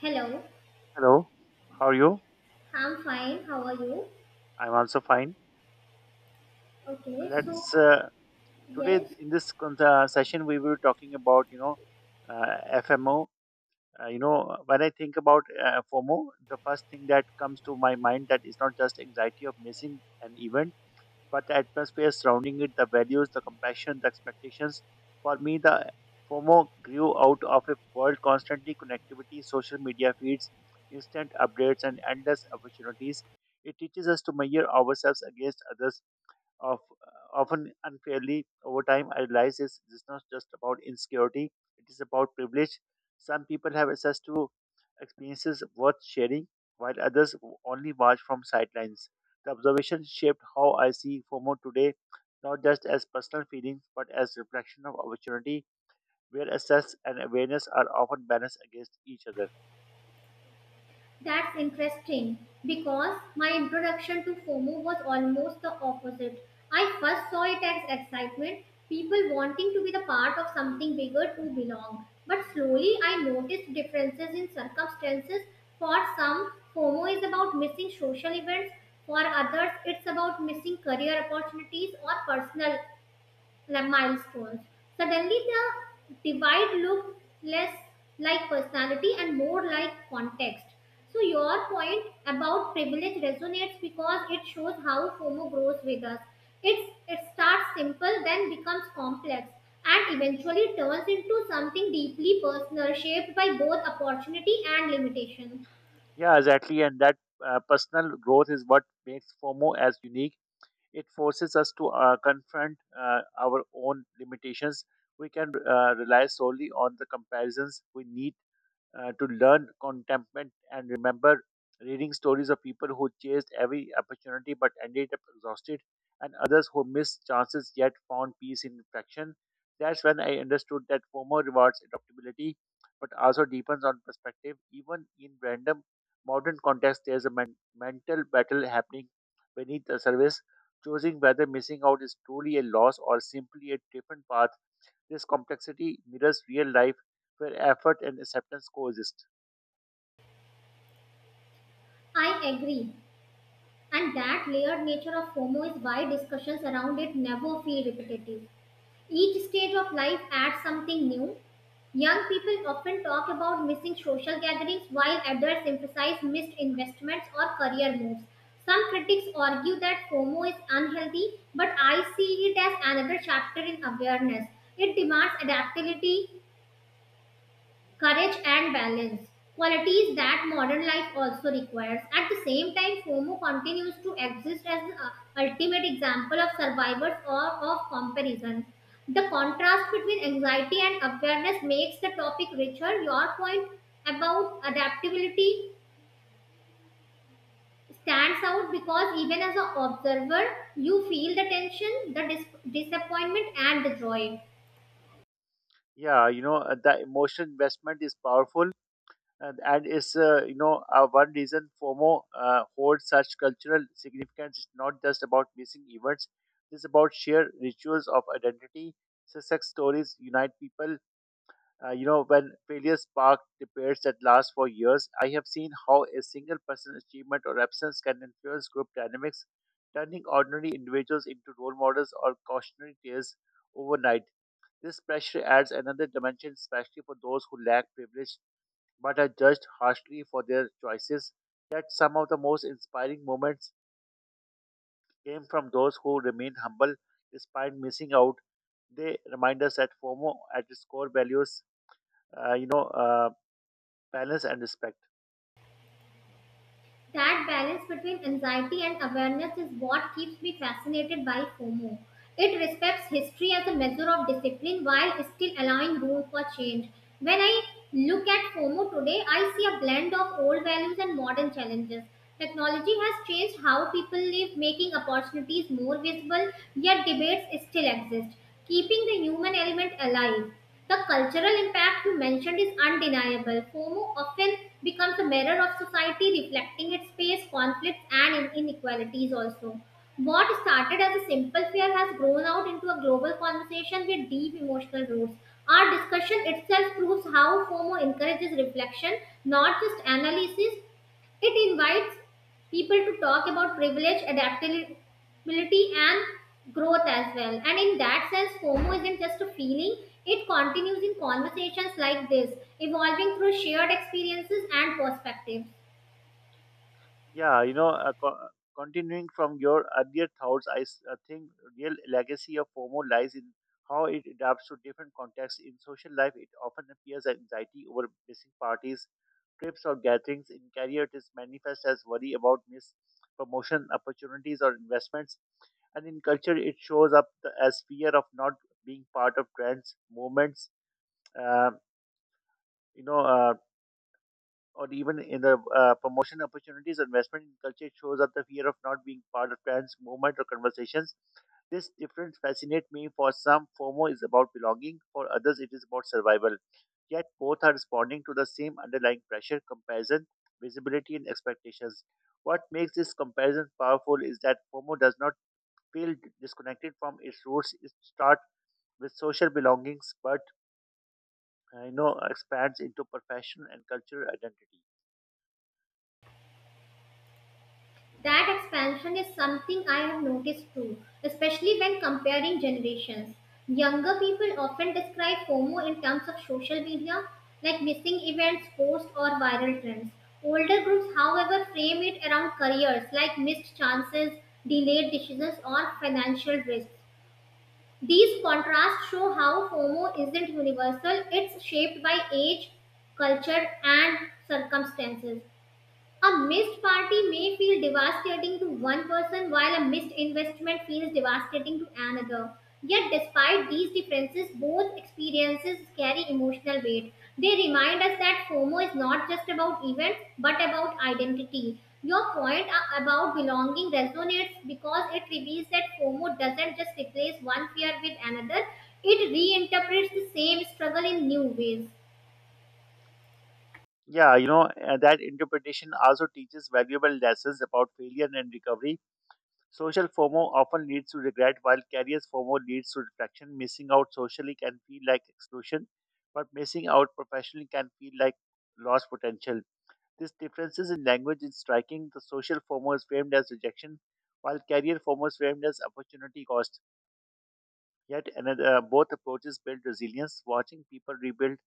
Hello, Hello, how are you? I'm fine. How are you? I'm also fine. Okay, so Let's Today yes, in this session we were talking about uh, FMO. When I think about FOMO, the first thing that comes to my mind that is not just anxiety of missing an event, but the atmosphere surrounding it, the values, the compassion, the expectations. For me, the FOMO grew out of a world constantly connectivity, social media feeds, instant updates, and endless opportunities. It teaches us to measure ourselves against others of often unfairly. Over time, I realized this is not just about insecurity; it is about privilege. Some people have access to experiences worth sharing, while others only watch from sidelines. The observation shaped how I see FOMO today, not just as personal feelings, but as reflection of opportunity, where access and awareness are often balanced against each other. that's interesting because my introduction to FOMO was almost the opposite. I first saw it as excitement, people wanting to be the part of something bigger to belong. But slowly I noticed differences in circumstances. For some, FOMO is about missing social events, for others, it's about missing career opportunities or personal like milestones. Suddenly, the divide looked less like personality and more like context. So, your point about privilege resonates because it shows how FOMO grows with us. It starts simple, then becomes complex, and eventually turns into something deeply personal, shaped by both opportunity and limitation. Yeah, exactly, and that personal growth is what makes FOMO as unique. It forces us to confront our own limitations. We can rely solely on the comparisons. We need to learn contentment and remember reading stories of people who chased every opportunity but ended up exhausted, and others who missed chances yet found peace in reflection. That's when I understood that FOMO rewards adaptability but also deepens on perspective. Even in random modern context, there's a mental battle happening beneath the surface, choosing whether missing out is truly a loss or simply a different path. This complexity mirrors real life where effort and acceptance coexist. I agree. And that layered nature of FOMO is why discussions around it never feel repetitive. Each stage of life adds something new. Young people often talk about missing social gatherings while adults emphasize missed investments or career moves. Some critics argue that FOMO is unhealthy, but I see it as another chapter in awareness. It demands adaptability, courage and balance, qualities that modern life also requires. At the same time, fomo continues to exist as the ultimate example of survivors or of comparison. The contrast between anxiety and awareness makes the topic richer. Your point about adaptability stands out because even as an observer you feel the tension, the disappointment and the joy. Yeah, the emotional investment is powerful, and is, one reason FOMO holds such cultural significance. It's not just about missing events, it's about shared rituals of identity. Success stories unite people. When failure spark debates that last for years, I have seen how a single person's achievement or absence can influence group dynamics, turning ordinary individuals into role models or cautionary tales overnight. This pressure adds another dimension, especially for those who lack privilege but are judged harshly for their choices. That some of the most inspiring moments came from those who remained humble despite missing out. They remind us that FOMO, at its core values, uh, you know. Uh, balance and respect. That balance between anxiety and awareness is what keeps me fascinated by FOMO. It respects history as a measure of discipline while still allowing room for change. When I look at FOMO today, I see a blend of old values and modern challenges. Technology has changed how people live, making opportunities more visible, yet debates still exist, keeping the human element alive. The cultural impact you mentioned is undeniable. FOMO often becomes a mirror of society, reflecting its space, conflicts, and inequalities also. What started as a simple fear has grown out into a global conversation with deep emotional roots. Our discussion itself proves how FOMO encourages reflection, not just analysis. It invites people to talk about privilege, adaptability, and growth as well. And in that sense, FOMO isn't just a feeling, it continues in conversations like this, evolving through shared experiences and perspectives. Yeah, continuing from your earlier thoughts, think real legacy of FOMO lies in how it adapts to different contexts. In social life, it often appears as anxiety over missing parties, trips, or gatherings. In career, it is manifest as worry about missed promotion opportunities or investments. And in culture, it shows up as fear of not being part of trends, movements, uh, you know, uh, or even in the promotion opportunities, investment in culture shows up the fear of not being part of trends, movement, or conversations. This difference fascinates me. For some, FOMO is about belonging, for others, it is about survival. Yet both are responding to the same underlying pressure, comparison, visibility, and expectations. What makes this comparison powerful is that FOMO does not feel disconnected from its roots. It starts with social belongings, but expands into professional and cultural identity. That expansion is something I have noticed too, especially when comparing generations. Younger people often describe FOMO in terms of social media, like missing events, posts, or viral trends. Older groups, however, frame it around careers like missed chances, delayed decisions, or financial risks. These contrasts show how FOMO isn't universal, it's shaped by age, culture, and circumstances. A missed party may feel devastating to one person while a missed investment feels devastating to another. Yet, despite these differences, both experiences carry emotional weight. They remind us that FOMO is not just about events but about identity. Your point about belonging resonates because it reveals that FOMO doesn't just replace one fear with another, it reinterprets the same struggle in new ways. Yeah, that interpretation also teaches valuable lessons about failure and recovery. Social FOMO often leads to regret, while careers FOMO leads to reflection. Missing out socially can feel like exclusion, but missing out professionally can feel like lost potential. This differences in language is striking. The social FOMO is framed as rejection, while career FOMO is framed as opportunity cost. Yet another, both approaches build resilience. Watching people rebuild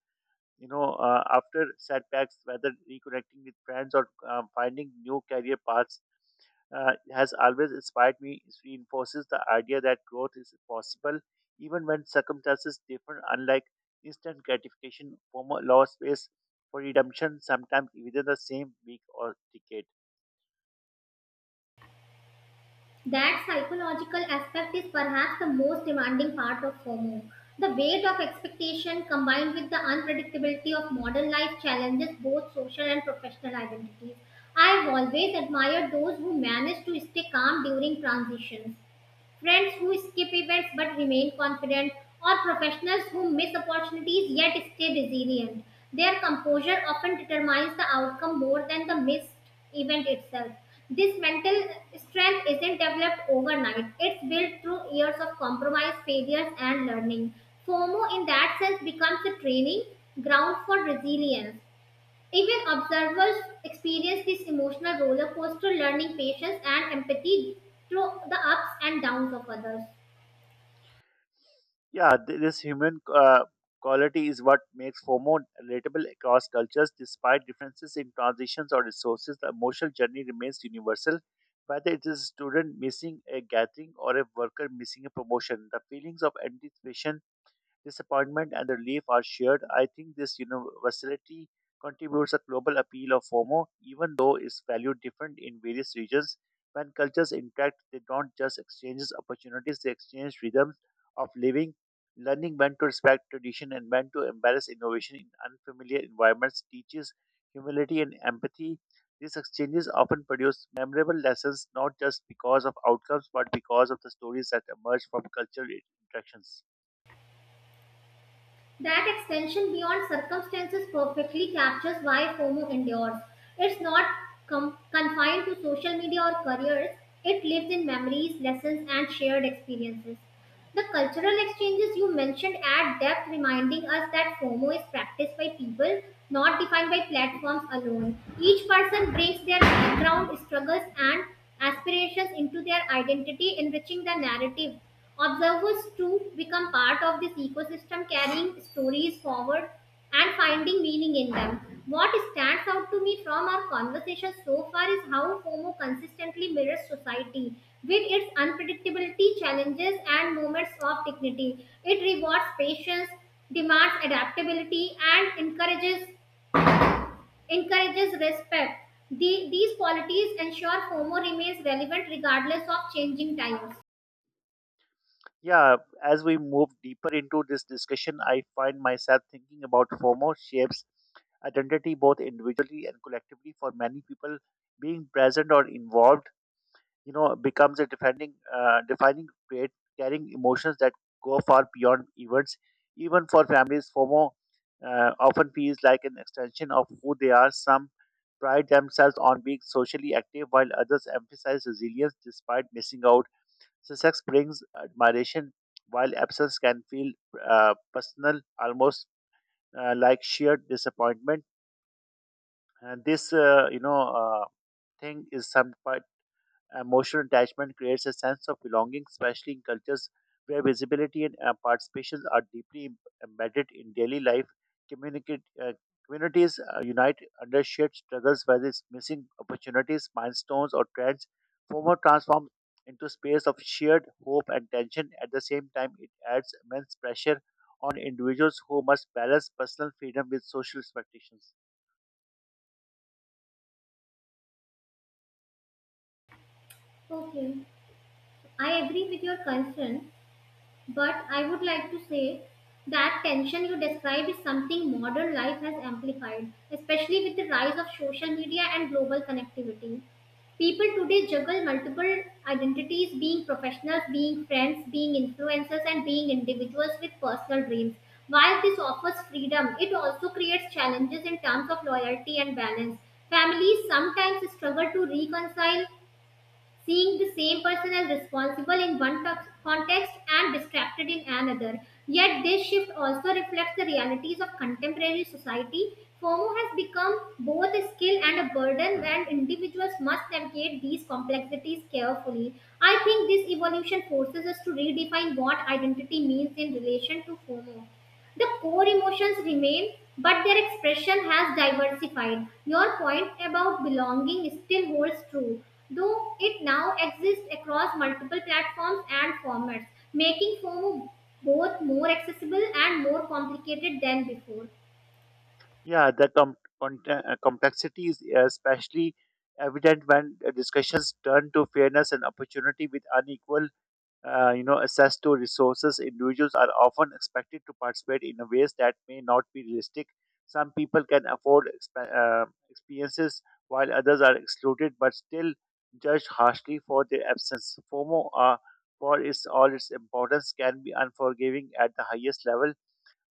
after setbacks, whether reconnecting with friends or finding new career paths, has always inspired me. It reinforces the idea that growth is possible even when circumstances differ, unlike instant gratification. Former law space for redemption sometimes within the same week or decade. That psychological aspect is perhaps the most demanding part of FOMO. The weight of expectation combined with the unpredictability of modern life challenges both social and professional identities. I've always admired those who manage to stay calm during transitions, friends who skip events but remain confident, or professionals who miss opportunities yet stay resilient. Their composure often determines the outcome more than the missed event itself. This mental strength isn't developed overnight. It's built through years of compromise, failures, and learning. FOMO, in that sense, becomes a training ground for resilience. Even observers experience this emotional roller coaster, learning patience and empathy through the ups and downs of others. Yeah, this human quality is what makes FOMO relatable across cultures. Despite differences in transitions or resources, the emotional journey remains universal. Whether it is a student missing a gathering or a worker missing a promotion, the feelings of anticipation, disappointment, and relief are shared. I think this universality contributes a global appeal of FOMO, even though its value different in various regions. When cultures interact, they don't just exchange opportunities; they exchange rhythms of living. Learning when to respect tradition and when to embrace innovation in unfamiliar environments teaches humility and empathy. These exchanges often produce memorable lessons, not just because of outcomes but because of the stories that emerge from cultural interactions. That extension beyond circumstances perfectly captures why FOMO endures. It's not confined to social media or careers, it lives in memories, lessons, and shared experiences. The cultural exchanges you mentioned add depth, reminding us that FOMO is practiced by people, not defined by platforms alone. Each person brings their background, struggles, and aspirations into their identity, enriching the narrative. Observers too become part of this ecosystem, carrying stories forward and finding meaning in them. What stands out to me from our conversation so far is how FOMO consistently mirrors society with its unpredictability, challenges, and moments of dignity. It rewards patience, demands adaptability, and encourages respect. These qualities ensure FOMO remains relevant regardless of changing times. Yeah, as we move deeper into this discussion, I find myself thinking about FOMO shapes identity both individually and collectively. For many people, being present or involved, becomes a defining trait, carrying emotions that go far beyond events. Even for families, FOMO often feels like an extension of who they are. Some pride themselves on being socially active, while others emphasize resilience despite missing out. So sex brings admiration, while absence can feel personal, almost like sheer disappointment. And this, you know, thing is some emotional attachment creates a sense of belonging, especially in cultures where visibility and participation are deeply embedded in daily life. Communicate, uh, Communities unite under shared struggles, whether it's missing opportunities, milestones, or trends. Former transforms into space of shared hope and tension. At the same time, it adds immense pressure on individuals who must balance personal freedom with social expectations. Okay, I agree with your concern. But I would like to say that tension you describe is something modern life has amplified, especially with the rise of social media and global connectivity. People today juggle multiple identities being professionals, being friends, being influencers, and being individuals with personal dreams. While this offers freedom, it also creates challenges in terms of loyalty and balance. Families sometimes struggle to reconcile seeing the same person as responsible in one context and distracted in another. Yet, this shift also reflects the realities of contemporary society. FOMO has become both a skill and a burden, and individuals must navigate these complexities carefully. I think this evolution forces us to redefine what identity means in relation to FOMO. The core emotions remain, but their expression has diversified. Your point about belonging still holds true, though it now exists across multiple platforms and formats, making FOMO both more accessible and more complicated than before. Yeah, the complexity is especially evident when discussions turn to fairness and opportunity with unequal, access to resources. Individuals are often expected to participate in ways that may not be realistic. Some people can afford experiences while others are excluded, but still judged harshly for their absence. FOMO, for its all its importance, can be unforgiving at the highest level.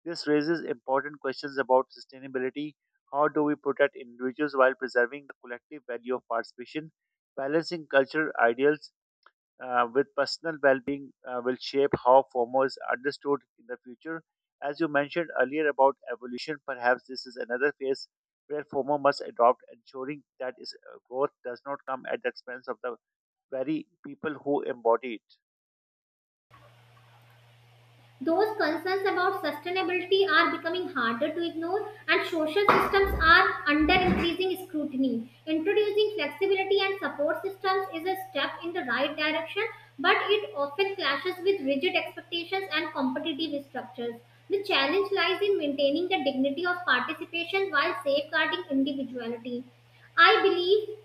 This raises important questions about sustainability. How do we protect individuals while preserving the collective value of participation? Balancing cultural ideals with personal well being will shape how FOMO is understood in the future. As you mentioned earlier about evolution, perhaps this is another phase where FOMO must adopt, ensuring that its growth does not come at the expense of the very people who embody it. Those concerns about sustainability are becoming harder to ignore, and social systems are under increasing scrutiny. Introducing flexibility and support systems is a step in the right direction, but it often clashes with rigid expectations and competitive structures. The challenge lies in maintaining the dignity of participation while safeguarding individuality. I believe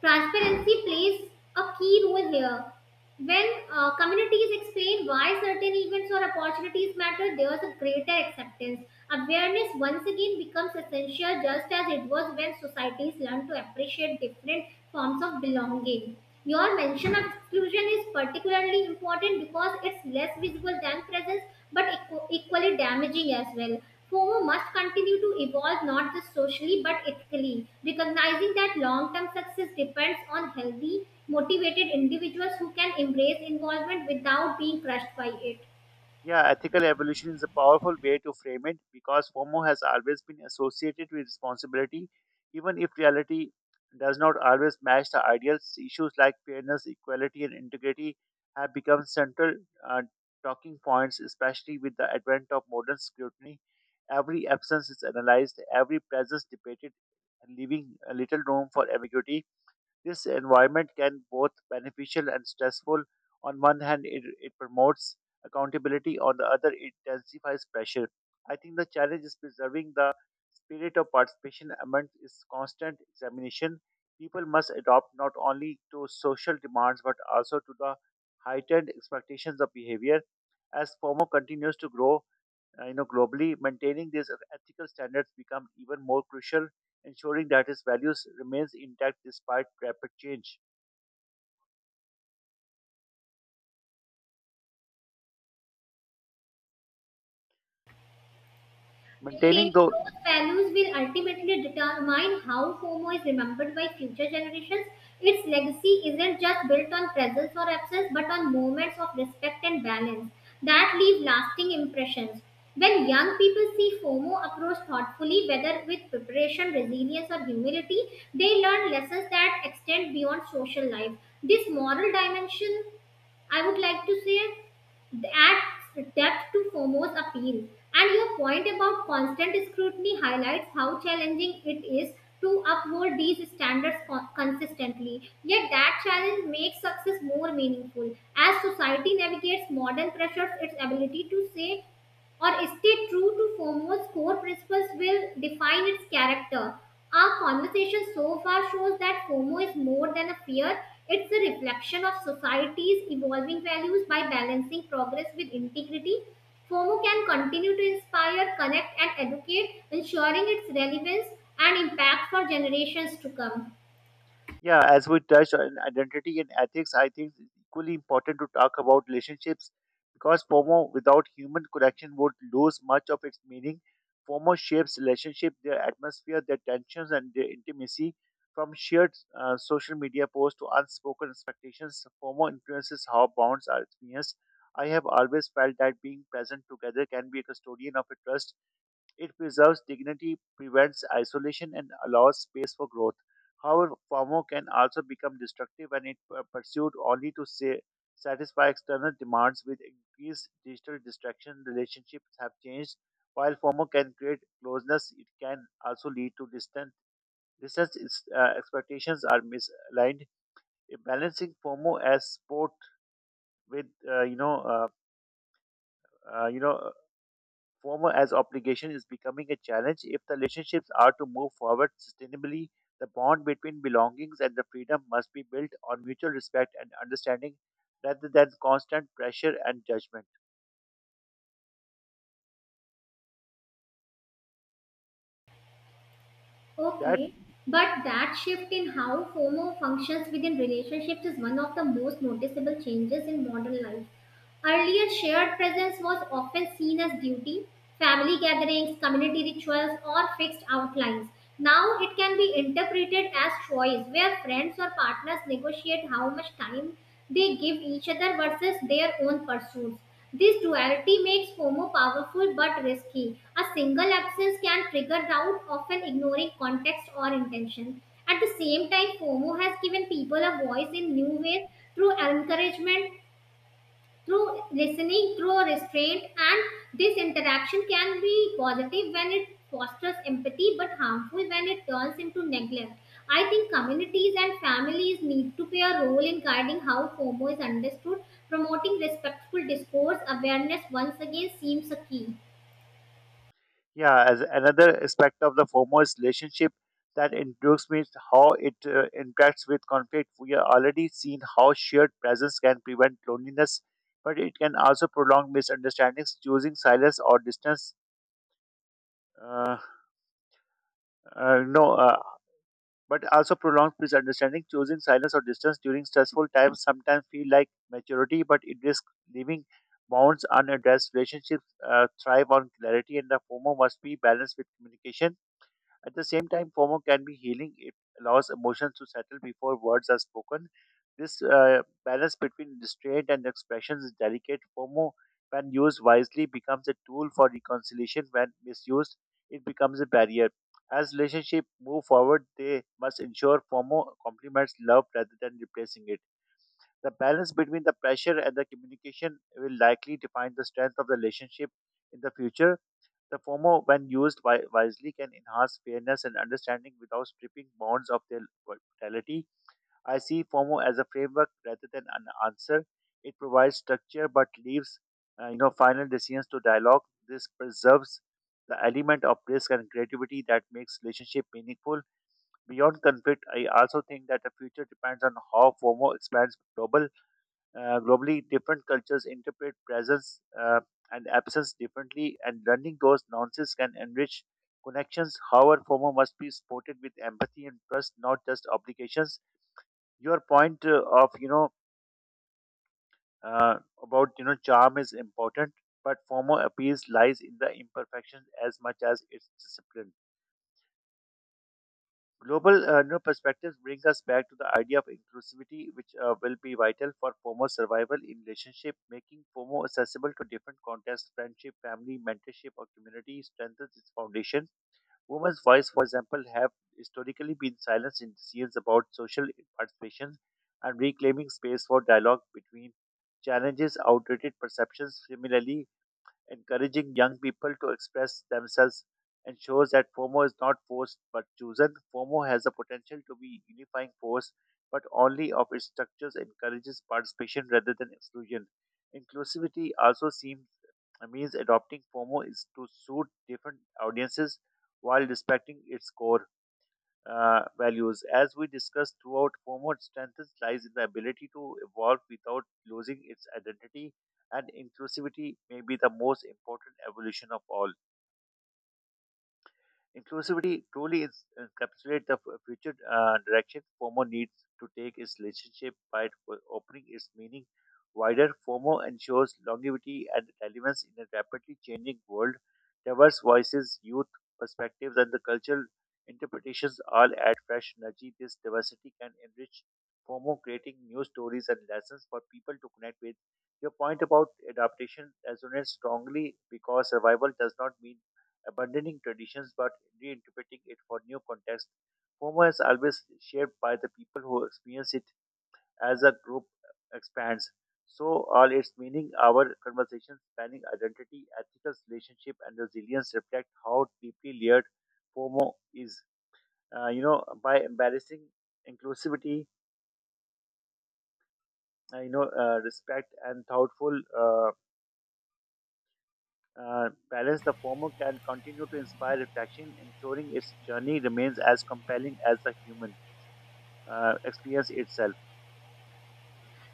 transparency plays a key role here. When communities explain why certain events or opportunities matter, there's a greater acceptance. Awareness once again becomes essential, just as it was when societies learn to appreciate different forms of belonging. Your mention of exclusion is particularly important because it's less visible than presence but equally damaging as well. FOMO must continue to evolve not just socially but ethically, recognizing that long term success depends on healthy, motivated individuals who can embrace involvement without being crushed by it. Yeah, ethical evolution is a powerful way to frame it because FOMO has always been associated with responsibility, even if reality does not always match the ideals. Issues like fairness, equality, and integrity have become central uh, talking points, especially with the advent of modern scrutiny. Every absence is analyzed, every presence debated, leaving little room for ambiguity. This environment can both beneficial and stressful. On one hand, it promotes accountability. On the other, it intensifies pressure. I think the challenge is preserving the spirit of participation amidst its constant examination. People must adopt not only to social demands but also to the heightened expectations of behavior. As FOMO continues to grow, globally maintaining these ethical standards become even more crucial, ensuring that its values remains intact despite rapid change. Maintaining Maintaining those. those values will ultimately determine how FOMO is remembered by future generations. Its legacy isn't just built on presence or absence, but on moments of respect and balance that leave lasting impressions. When young people see FOMO approached thoughtfully, whether with preparation, resilience, or humility, they learn lessons that extend beyond social life. This moral dimension, I would like to say, adds depth to FOMO's appeal. And your point about constant scrutiny highlights how challenging it is to uphold these standards consistently. Yet that challenge makes success more meaningful. As society navigates modern pressures, its ability to say or stay true to FOMO's core principles will define its character. Our conversation so far shows that FOMO is more than a fear, it's a reflection of society's evolving values by balancing progress with integrity. FOMO can continue to inspire, connect, and educate, ensuring its relevance and impact for generations to come. Yeah, as we touched on identity and ethics, I think it's equally important to talk about relationships because FOMO without human connection would lose much of its meaning. FOMO shapes relationship, their atmosphere, their tensions, and their intimacy. From shared social media posts to unspoken expectations, FOMO influences how bonds are experienced. I have always felt that being present together can be a custodian of a trust. It preserves dignity, prevents isolation, and allows space for growth. However, FOMO can also become destructive when it pursued only to say, satisfy external demands. With increased digital distraction, relationships have changed. While FOMO can create closeness, it can also lead to distance. Distance is, expectations are misaligned. Balancing FOMO as sport with uh, uh, you know former as obligation is becoming a challenge if the relationships are to move forward sustainably. The bond between belongings and the freedom must be built on mutual respect and understanding rather than constant pressure and judgment. That, Okay, but that shift in how FOMO functions within relationships is one of the most noticeable changes in modern life. Earlier, shared presence was often seen as duty, family gatherings, community rituals, or fixed outlines. Now it can be interpreted as choice, where friends or partners negotiate how much time they give each other versus their own pursuits. This duality makes FOMO powerful but risky. A single absence can trigger doubt, often ignoring context or intention. At the same time, FOMO has given people a voice in new ways, through encouragement, through listening, through restraint, and this interaction can be positive when it fosters empathy but harmful when it turns into neglect. I think communities and families need to play a role in guiding how FOMO is understood. Promoting respectful discourse awareness once again seems a key. yeah, as another aspect of the foremost relationship that intrigues me is how it interacts with conflict. We are already seen how shared presence can prevent loneliness, but it can also prolong misunderstandings. Choosing silence or distance uh, no, but also prolongs misunderstanding. Choosing silence or distance during stressful times sometimes feel like maturity, but it risks leaving bonds unaddressed. Relationships thrive on clarity, and the former must be balanced with communication. At the same time, FOMO can be healing. It allows emotions to settle before words are spoken. This balance between restraint and expression is delicate. FOMO, when used wisely, becomes a tool for reconciliation. When misused, it becomes a barrier. As relationships move forward, they must ensure FOMO complements love rather than replacing it. The balance between the pressure and the communication will likely define the strength of the relationship in the future. The FOMO, when used wisely, can enhance fairness and understanding without stripping bonds of their vitality. I see FOMO as a framework rather than an answer. It provides structure but leaves final decisions to dialogue. This preserves the element of risk and creativity that makes relationship meaningful. Beyond conflict, I also think that the future depends on how FOMO expands globally, different cultures interpret presence and absence differently, and learning those nuances can enrich connections. However, FOMO must be supported with empathy and trust, not just obligations. Your point of you know uh, about you know charm is important, but FOMO appeals lies in the imperfection as much as its discipline. Global New perspectives brings us back to the idea of inclusivity, which will be vital for FOMO survival in relationship. Making FOMO accessible to different contexts, friendship, family, mentorship, or community strengthens its foundation. Women's voice, for example, have historically been silenced in decisions about social participation and reclaiming space for dialogue between challenges, outdated perceptions. Similarly, encouraging young people to express themselves ensures that FOMO is not forced but chosen. FOMO has the potential to be unifying force, but only if its structures encourages participation rather than exclusion. Inclusivity also seems means adopting FOMO is to suit different audiences while respecting its core values. As we discussed throughout, FOMO strength lies in the ability to evolve without losing its identity, and inclusivity may be the most important evolution of all. Inclusivity truly is encapsulates the future direction FOMO needs to take its relationship by opening its meaning wider. FOMO ensures longevity and relevance in a rapidly changing world. Diverse voices, youth perspectives, and the cultural interpretations all add fresh energy. This diversity can enrich FOMO, creating new stories and lessons for people to connect with. Your point about adaptation resonates strongly because survival does not mean abandoning traditions but reinterpreting it for new context. FOMO is always shared by the people who experience it as a group expands. So all its meaning, our conversations spanning identity, ethical relationship, and resilience reflect how deeply layered FOMO is. By embarrassing inclusivity, respect and thoughtful balance, the fomo can continue to inspire reflection, ensuring its journey remains as compelling as the human. Experience itself.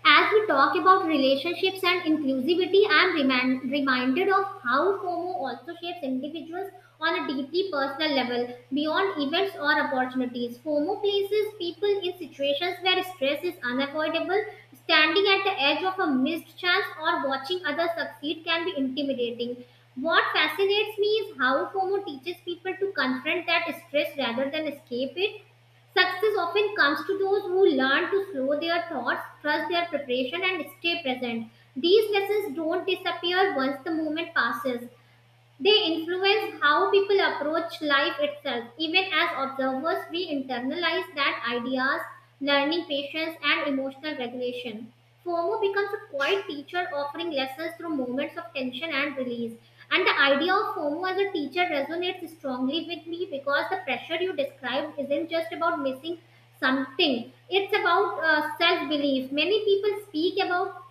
As we talk about relationships and inclusivity, I am reminded of how FOMO also shapes individuals on a deeply personal level, beyond events or opportunities. FOMO places people in situations where stress is unavoidable. Standing at the edge of a missed chance or watching others succeed can be intimidating. What fascinates me is how FOMO teaches people to confront that stress rather than escape it. Success often comes to those who learn to slow their thoughts, trust their preparation, and stay present. These lessons don't disappear once the moment passes. They influence how people approach life itself. Even as observers, we internalize that ideas, learning patience, and emotional regulation. FOMO becomes a quiet teacher offering lessons through moments of tension and release. And the idea of FOMO as a teacher resonates strongly with me because the pressure you described isn't just about missing something, it's about self belief. Many people speak about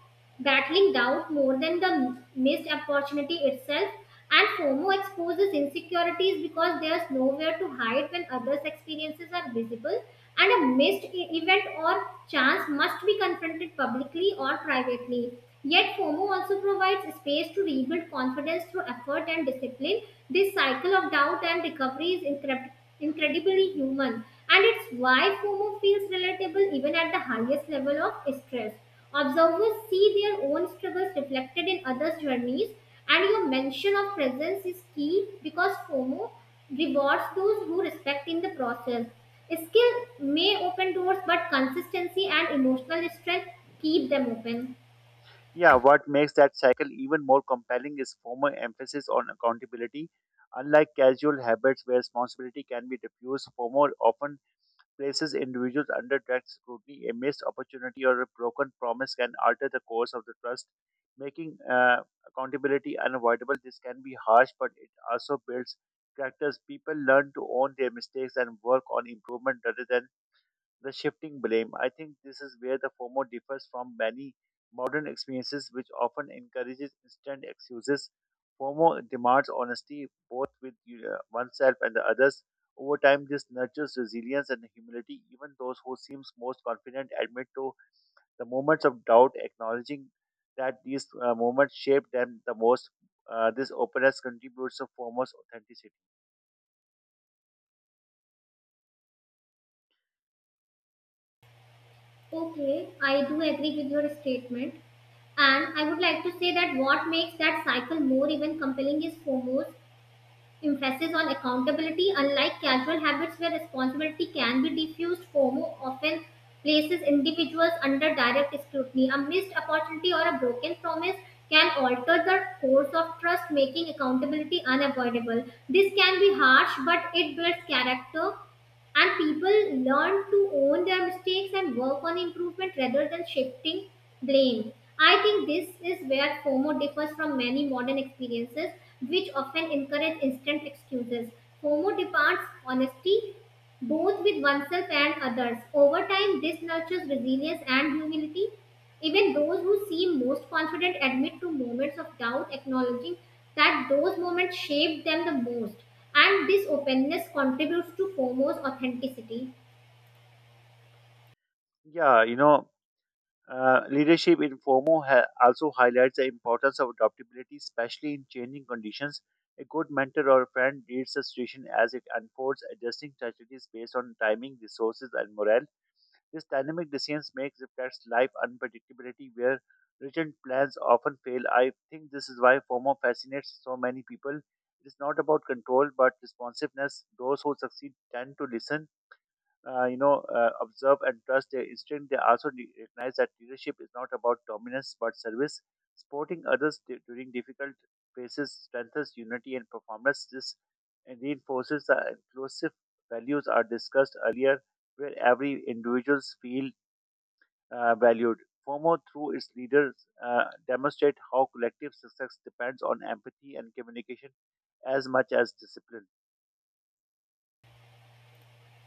battling doubt more than the missed opportunity itself. And FOMO exposes insecurities because there's nowhere to hide when others' experiences are visible, and a missed event or chance must be confronted publicly or privately. Yet, FOMO also provides space to rebuild confidence through effort and discipline. This cycle of doubt and recovery is incredibly human, and it's why FOMO feels relatable even at the highest level of stress. Observers see their own struggles reflected in others' journeys, and your mention of presence is key because FOMO rewards those who respect in the process. Skill may open doors, but consistency and emotional strength keep them open. Yeah, what makes that cycle even more compelling is former emphasis on accountability. Unlike casual habits where responsibility can be diffused, formal often places individuals under direct scrutiny. A missed opportunity or a broken promise can alter the course of the trust, making accountability unavoidable. This can be harsh, but it also builds characters. People learn to own their mistakes and work on improvement rather than the shifting blame. I think this is where the FOMO differs from many modern experiences, which often encourages instant excuses. FOMO demands honesty both with oneself and the others. Over time, this nurtures resilience and humility. Even those who seem most confident admit to the moments of doubt, acknowledging that these moments shape them the most. This openness contributes to FOMO's authenticity. Okay, I do agree with your statement. And I would like to say that what makes that cycle more even compelling is FOMO's emphasis on accountability, unlike casual habits where responsibility can be diffused, FOMO often places individuals under direct scrutiny. A missed opportunity or a broken promise can alter the course of trust, making accountability unavoidable. This can be harsh, but it builds character and people learn to own their mistakes and work on improvement rather than shifting blame. I think this is where FOMO differs from many modern experiences, which often encourage instant excuses. FOMO demands honesty, both with oneself and others. Over time, this nurtures resilience and humility. Even those who seem most confident admit to moments of doubt, acknowledging that those moments shaped them the most. And this openness contributes to FOMO's authenticity. Yeah, you know, Leadership in FOMO also highlights the importance of adaptability, especially in changing conditions. A good mentor or friend reads the situation as it unfolds, adjusting strategies based on timing, resources, and morale. This dynamic decisions makes reflects life unpredictability where written plans often fail. I think this is why FOMO fascinates so many people. It is not about control but responsiveness. Those who succeed tend to listen observe and trust their instinct. They also recognize that leadership is not about dominance but service. Supporting others during difficult phases strengthens unity and performance. This and reinforces the inclusive values are discussed earlier, where every individuals feel valued. FOMO, through its leaders, demonstrate how collective success depends on empathy and communication as much as discipline.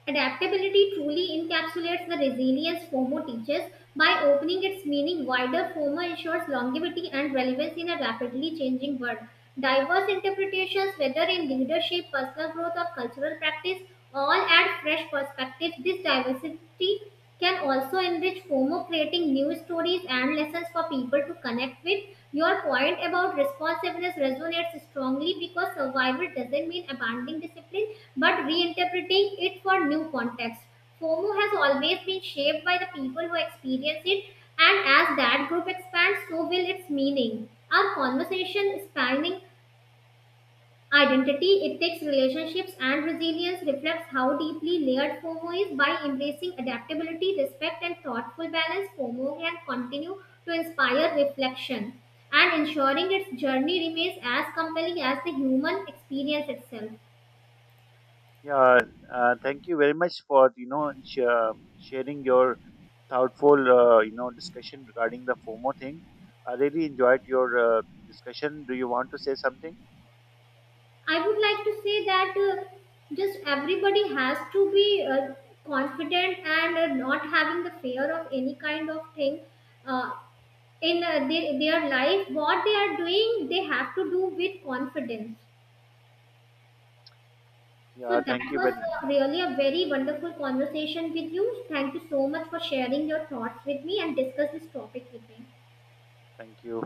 Adaptability truly encapsulates the resilience FOMO teaches. By opening its meaning wider, FOMO ensures longevity and relevance in a rapidly changing world. Diverse interpretations, whether in leadership, personal growth, or cultural practice, all add fresh perspectives. This diversity can also enrich FOMO, creating new stories and lessons for people to connect with. Your point about responsiveness resonates strongly because survival doesn't mean abandoning discipline but reinterpreting it for new context. FOMO has always been shaped by the people who experience it, and as that group expands, so will its meaning. Our conversation spanning identity, it takes relationships and resilience, reflects how deeply layered FOMO is by embracing adaptability, respect, and thoughtful balance. FOMO can continue to inspire reflection and ensuring its journey remains as compelling as the human experience itself. Yeah, Thank you very much for sharing your thoughtful discussion regarding the FOMO thing. I really enjoyed your discussion. Do you want to say something? I would like to say that just everybody has to be confident and not having the fear of any kind of thing. Uh, in their life, what they are doing they have to do with confidence. So Yeah, that thank you. was Well, really a very wonderful conversation with you. Thank you so much for sharing your thoughts with me and discuss this topic with me. thank you.